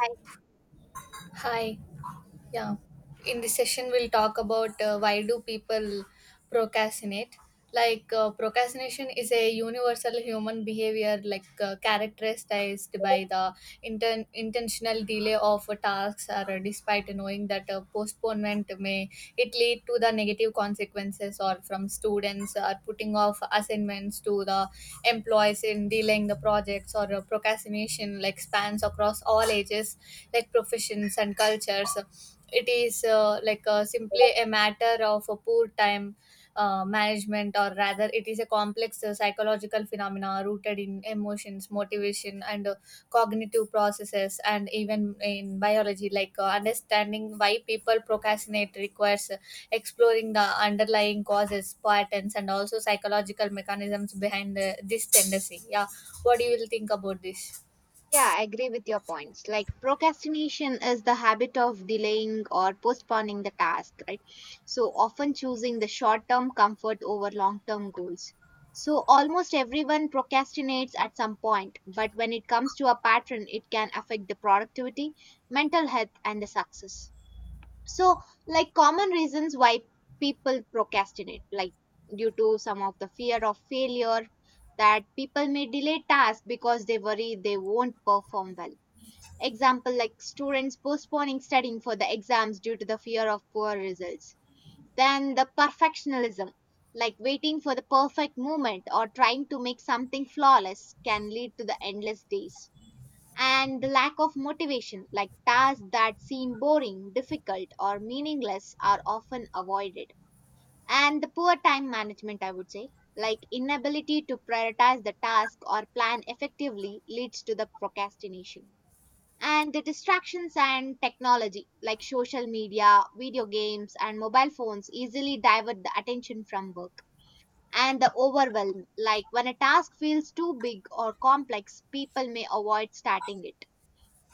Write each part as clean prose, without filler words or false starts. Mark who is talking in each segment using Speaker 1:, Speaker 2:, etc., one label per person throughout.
Speaker 1: I,
Speaker 2: Hi. Yeah, in this session, we'll talk about why do people procrastinate. Procrastination is a universal human behavior, characterized by the intentional delay of tasks, or despite knowing that postponement may it lead to the negative consequences, or from students are putting off assignments to the employees in delaying the projects, or procrastination like spans across all ages, like professions and cultures. It is simply a matter of a poor time management, or rather it is a complex psychological phenomena rooted in emotions, motivation, and cognitive processes, and even in biology. Like, understanding why people procrastinate requires exploring the underlying causes, patterns, and also psychological mechanisms behind this tendency. Yeah, what do you will think about this?
Speaker 1: yeah, I agree with your points. Like procrastination is the habit of delaying or postponing the task, right? So often choosing the short term comfort over long term goals. So almost everyone procrastinates at some point, but when it comes to a pattern, it can affect the productivity, mental health, and the success. So like common reasons why people procrastinate, like due to some of the fear of failure, that people may delay tasks because they worry they won't perform well. Example, like students postponing studying for the exams due to the fear of poor results. Then the perfectionism, like waiting for the perfect moment or trying to make something flawless can lead to the endless days, and the lack of motivation, like tasks that seem boring, difficult, or meaningless, are often avoided. And the poor time management, I would say, like inability to prioritize the task or plan effectively, leads to the procrastination. And the distractions and technology, like social media, video games, and mobile phones, easily divert the attention from work. And the overwhelm, like when a task feels too big or complex, people may avoid starting it.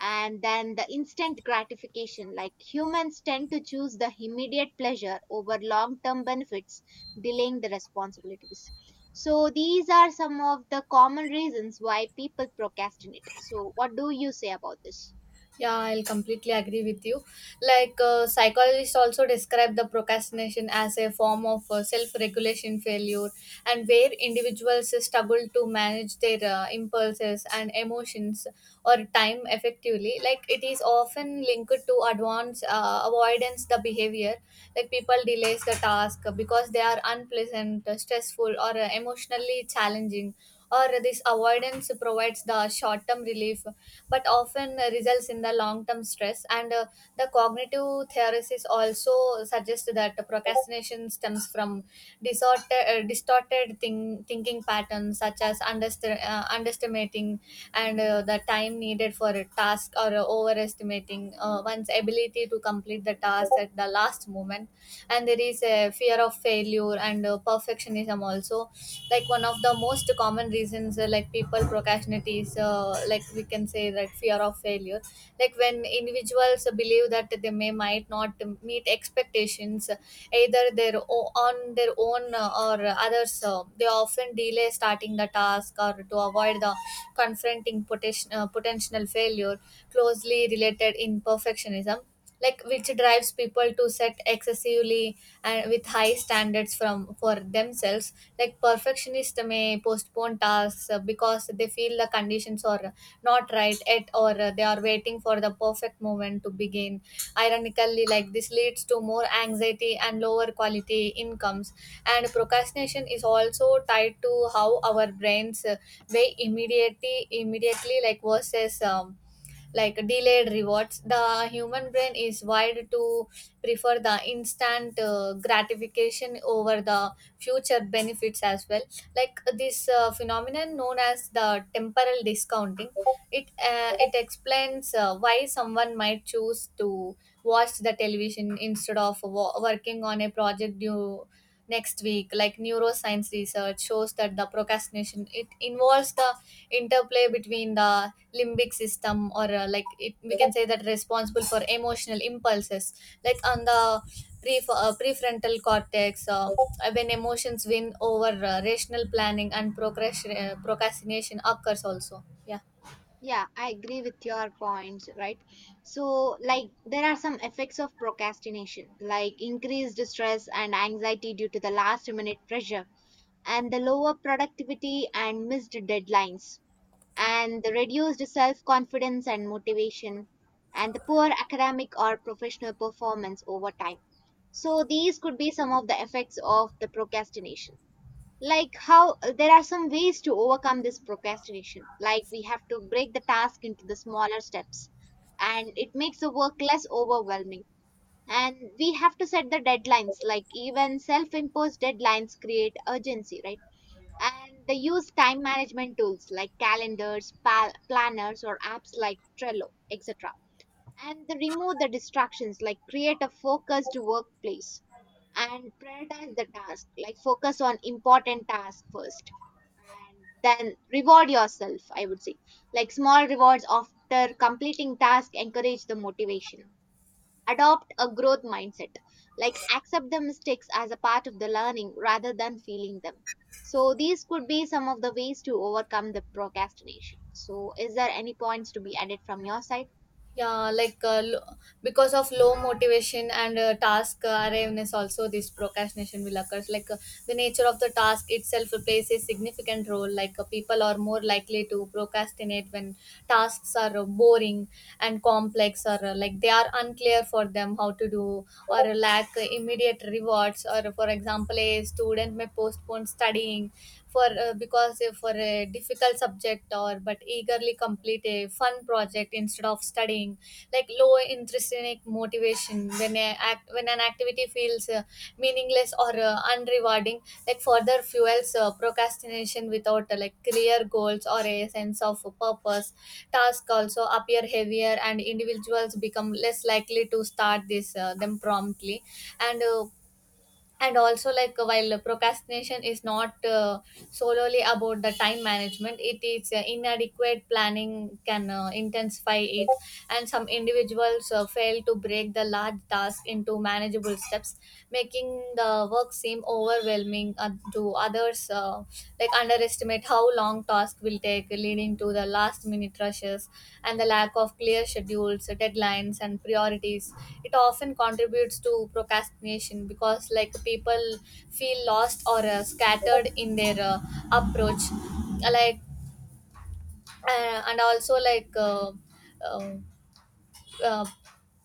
Speaker 1: And then the instant gratification, like humans tend to choose the immediate pleasure over long term benefits, delaying the responsibilities. So these are some of the common reasons why people procrastinate. So what do you say about this?
Speaker 2: Yeah, I'll completely agree with you. Like, psychologists also describe the procrastination as a form of self regulation failure, and where individuals struggle to manage their impulses and emotions or time effectively. Like, it is often linked to advance avoidance the behavior. Like, people delays the task because they are unpleasant, stressful, or emotionally challenging. Or this avoidance provides the short term relief but often results in the long-term stress. And the cognitive theorists also suggest that procrastination stems from distorted thinking patterns, such as underestimating and the time needed for a task, or overestimating one's ability to complete the task at the last moment. And there is a fear of failure, and perfectionism also. Like, one of the most common reasons like people procrastinate is like, we can say that fear of failure. Like, when individuals believe that they may might not meet expectations, either their on their own, or others, they often delay starting the task or to avoid the confronting potential failure. Closely related in perfectionism, like, which drives people to set excessively and with high standards from for themselves. Like, perfectionists may postpone tasks because they feel the conditions are not right yet, or they are waiting for the perfect moment to begin. Ironically, like, this leads to more anxiety and lower quality incomes. And procrastination is also tied to how our brains weigh immediately like versus like delayed rewards. The human brain is wired to prefer the instant gratification over the future benefits as well. Like, this phenomenon known as the temporal discounting, it explains why someone might choose to watch the television instead of working on a project due next week. Like, neuroscience research shows that the procrastination it involves the interplay between the limbic system, or like, it we can say that responsible for emotional impulses, like on the prefrontal cortex. When emotions win over rational planning and procrastination occurs also. Yeah,
Speaker 1: Yeah, I agree with your points, right? So like there are some effects of procrastination, like increased stress and anxiety due to the last minute pressure, and the lower productivity and missed deadlines, and the reduced self confidence and motivation, and the poor academic or professional performance over time. So, these could be some of the effects of the procrastination. Like, how there are some ways to overcome this procrastination. Like, we have to break the task into the smaller steps, and it makes the work less overwhelming. And we have to set the deadlines, like, even self imposed deadlines create urgency, right? And they use time management tools like calendars, planners, or apps like Trello, etc. And they remove the distractions, like create a focused workplace, and prioritize the task, like focus on important tasks first. And then reward yourself, I would say, like small rewards after completing task encourage the motivation. Adopt a growth mindset, like accept the mistakes as a part of the learning rather than feeling them. So these could be some of the ways to overcome the procrastination. So is there any points to be added from your side?
Speaker 2: yeah, because of low motivation and task arriveness also, this procrastination will occur. Like, the nature of the task itself plays a significant role. Like, people are more likely to procrastinate when tasks are boring and complex, or like they are unclear for them how to do, or lack immediate rewards. Or for example, a student may postpone studying for because for a difficult subject, or but eagerly complete a fun project instead of studying. Like, low intrinsic motivation, when a act when an activity feels meaningless or unrewarding, like further fuels procrastination. Without like clear goals or a sense of purpose, tasks also appear heavier, and individuals become less likely to start this them promptly. And uh, and also, while procrastination is not solely about the time management, it is inadequate planning can intensify it, and some individuals fail to break the large task into manageable steps, making the work seem overwhelming to others. uh, like, underestimate how long tasks will take, leading to the last minute rushes and the lack of clear schedules, deadlines, and priorities. It often contributes to procrastination because, like, people feel lost or scattered in their approach. Like, and also like. Um uh,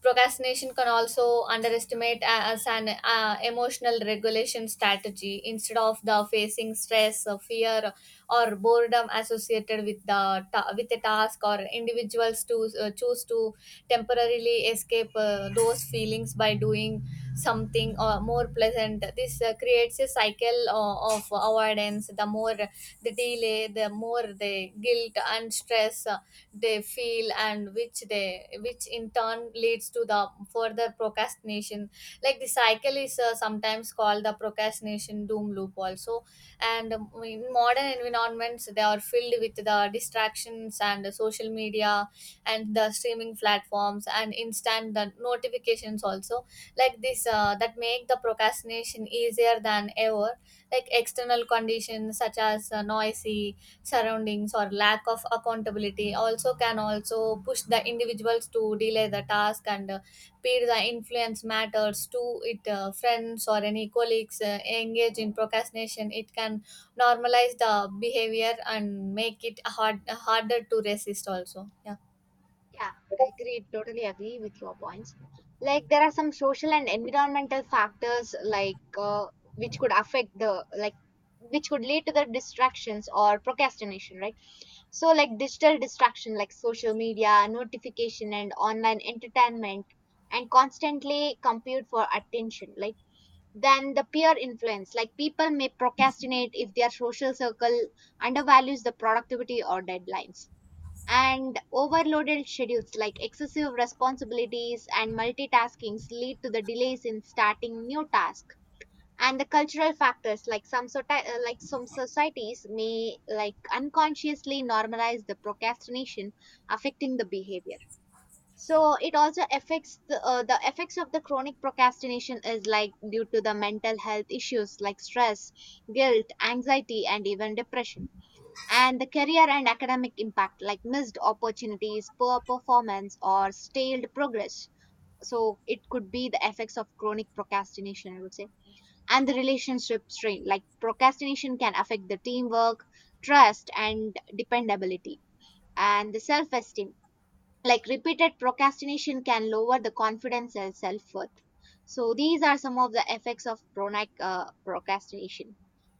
Speaker 2: Procrastination can also underestimate as an emotional regulation strategy, instead of the facing stress or fear or boredom associated with the with a task, or individuals to choose to temporarily escape those feelings by doing something more pleasant. This creates a cycle of avoidance. The more the delay, the more the guilt and stress they feel, and which they which in turn leads to the further procrastination. Like, the cycle is sometimes called the procrastination doom loop also. And in modern environments, they are filled with the distractions and the social media and the streaming platforms and instant the notifications also. Like this uh, that make the procrastination easier than ever. Like, external conditions such as noisy surroundings or lack of accountability also can also push the individuals to delay the task. And peer the influence matters to it. Friends or any colleagues engage in procrastination, it can normalize the behavior and make it harder to resist also. Yeah,
Speaker 1: Yeah, I agree, totally agree with your points. Like there are some social and environmental factors, like which could affect the, like which could lead to the distractions or procrastination, right? So, like digital distraction, like social media, notification, and online entertainment, and constantly compete for attention. Like, then the peer influence, like people may procrastinate if their social circle undervalues the productivity or deadlines. And overloaded schedules, like excessive responsibilities and multitaskings, lead to the delays in starting new tasks. And the cultural factors, like some sort like some societies may like unconsciously normalize the procrastination, affecting the behavior. So it also affects the effects of the chronic procrastination is like due to the mental health issues like stress, guilt, anxiety, and even depression, and the career and academic impact like missed opportunities, poor performance, or stalled progress. So it could be the effects of chronic procrastination, I would say, and the relationship strain. Like procrastination can affect the teamwork, trust, and dependability, and the self esteem, like repeated procrastination can lower the confidence and self-worth. So these are some of the effects of chronic procrastination.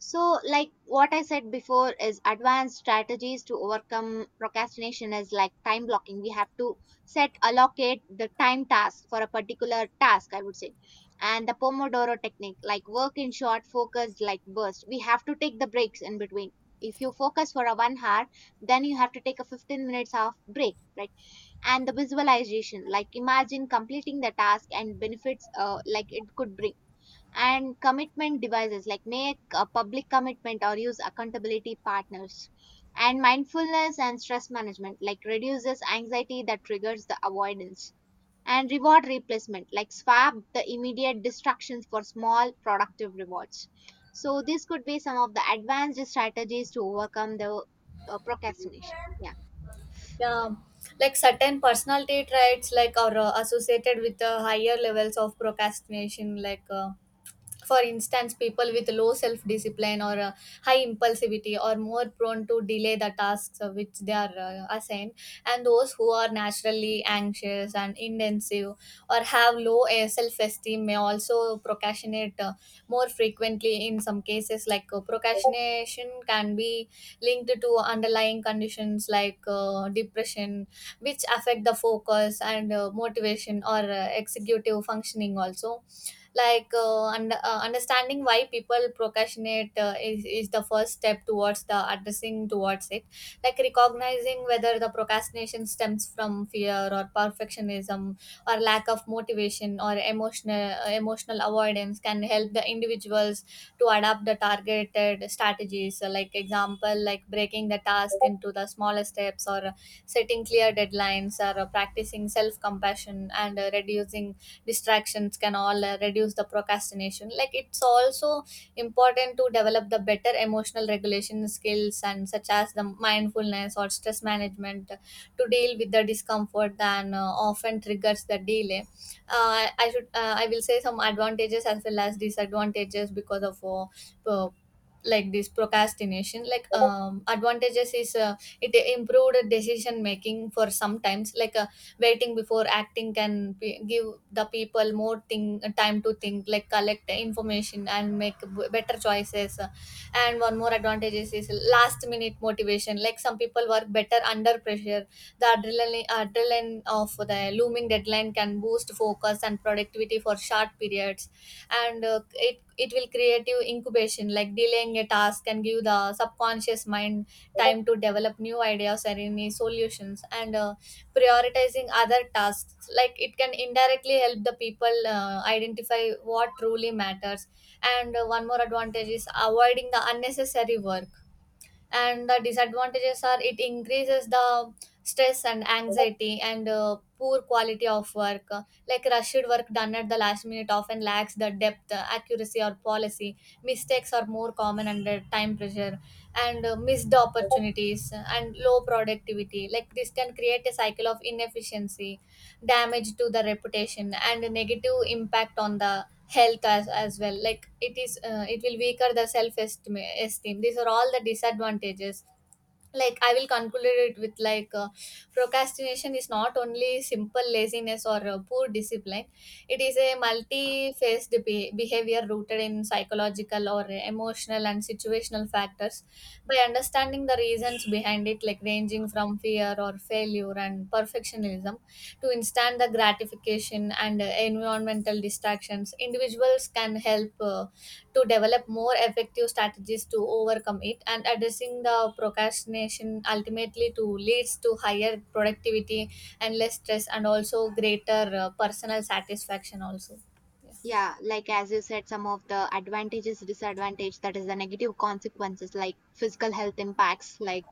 Speaker 1: So like what I said before is advanced strategies to overcome procrastination is like time blocking. We have to set, allocate the time task for a particular task, I would say. And the Pomodoro technique, like work in short focused like burst, we have to take the breaks in between. If you focus for a 1 hour, then you have to take a 15 minutes of break, right? And the visualization, like imagine completing the task and benefits like it could bring. And commitment devices, like make a public commitment or use accountability partners. And mindfulness and stress management, like reduces anxiety that triggers the avoidance. And reward replacement, like swap the immediate distractions for small productive rewards. So this could be some of the advanced strategies to overcome the procrastination. Yeah.
Speaker 2: yeah, like certain personality traits like are associated with higher levels of procrastination. Like, for instance, people with low self discipline or high impulsivity are more prone to delay the tasks of which they are assigned. And those who are naturally anxious and intensive or have low self esteem may also procrastinate more frequently. In some cases, like, procrastination can be linked to underlying conditions like depression, which affect the focus and motivation or executive functioning also. Like, understanding why people procrastinate is the first step towards the addressing towards it. Like, recognizing whether the procrastination stems from fear or perfectionism or lack of motivation or emotional avoidance can help the individuals to adapt the targeted strategies. So, like, example, like, breaking the task into the smaller steps, or setting clear deadlines, or practicing self compassion, and reducing distractions can all reduce the procrastination. Like, it's also important to develop the better emotional regulation skills and such as the mindfulness or stress management, to deal with the discomfort than often triggers the delay. I will say some advantages as well as disadvantages because of uh, like this procrastination. Like, advantages is, it improved decision making for sometimes. Like, waiting before acting can be, give the people more thing time to think, like collect information and make better choices. And one more advantage is last minute motivation. Like, some people work better under pressure. The adrenaline of the looming deadline can boost focus and productivity for short periods. And it will create you incubation. Like, delaying a task can give the subconscious mind time to develop new ideas and any solutions. And prioritizing other tasks, like, it can indirectly help the people identify what truly matters. And one more advantage is avoiding the unnecessary work. And the disadvantages are, it increases the stress and anxiety, and poor quality of work. Like, rushed work done at the last minute often lacks the depth, accuracy, or policy. Mistakes are more common under time pressure. And missed opportunities and low productivity, like this can create a cycle of inefficiency, damage to the reputation, and a negative impact on the health as well. Like, it is it will weaker the self esteem. These are all the disadvantages. Like, I will conclude it with like, procrastination is not only simple laziness or poor discipline. It is a multi-faced behavior rooted in psychological or emotional and situational factors. By understanding the reasons behind it, like, ranging from fear or failure and perfectionism to instant the gratification and environmental distractions, individuals can help to develop more effective strategies to overcome it. And addressing the procrastination ultimately to leads to higher productivity and less stress, and also greater personal satisfaction also. Yeah,
Speaker 1: Yeah, like as you said, some of the advantages, disadvantage, that is the negative consequences, like physical health impacts, like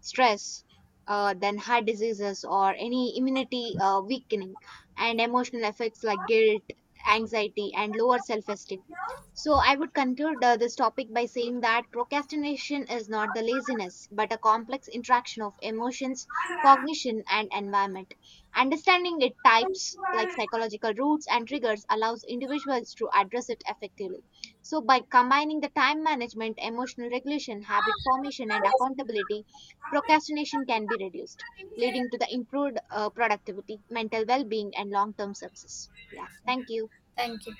Speaker 1: stress, then heart diseases or any immunity weakening, and emotional effects like guilt, anxiety, and lower self-esteem. So I would conclude this topic by saying that procrastination is not the laziness, but a complex interaction of emotions, cognition, and environment. Understanding its types, like psychological roots and triggers, allows individuals to address it effectively. So, by combining the time management, emotional regulation, habit formation, and accountability, procrastination can be reduced, leading to the improved productivity, mental well being, and long term success. Yeah, thank you.
Speaker 2: thank you.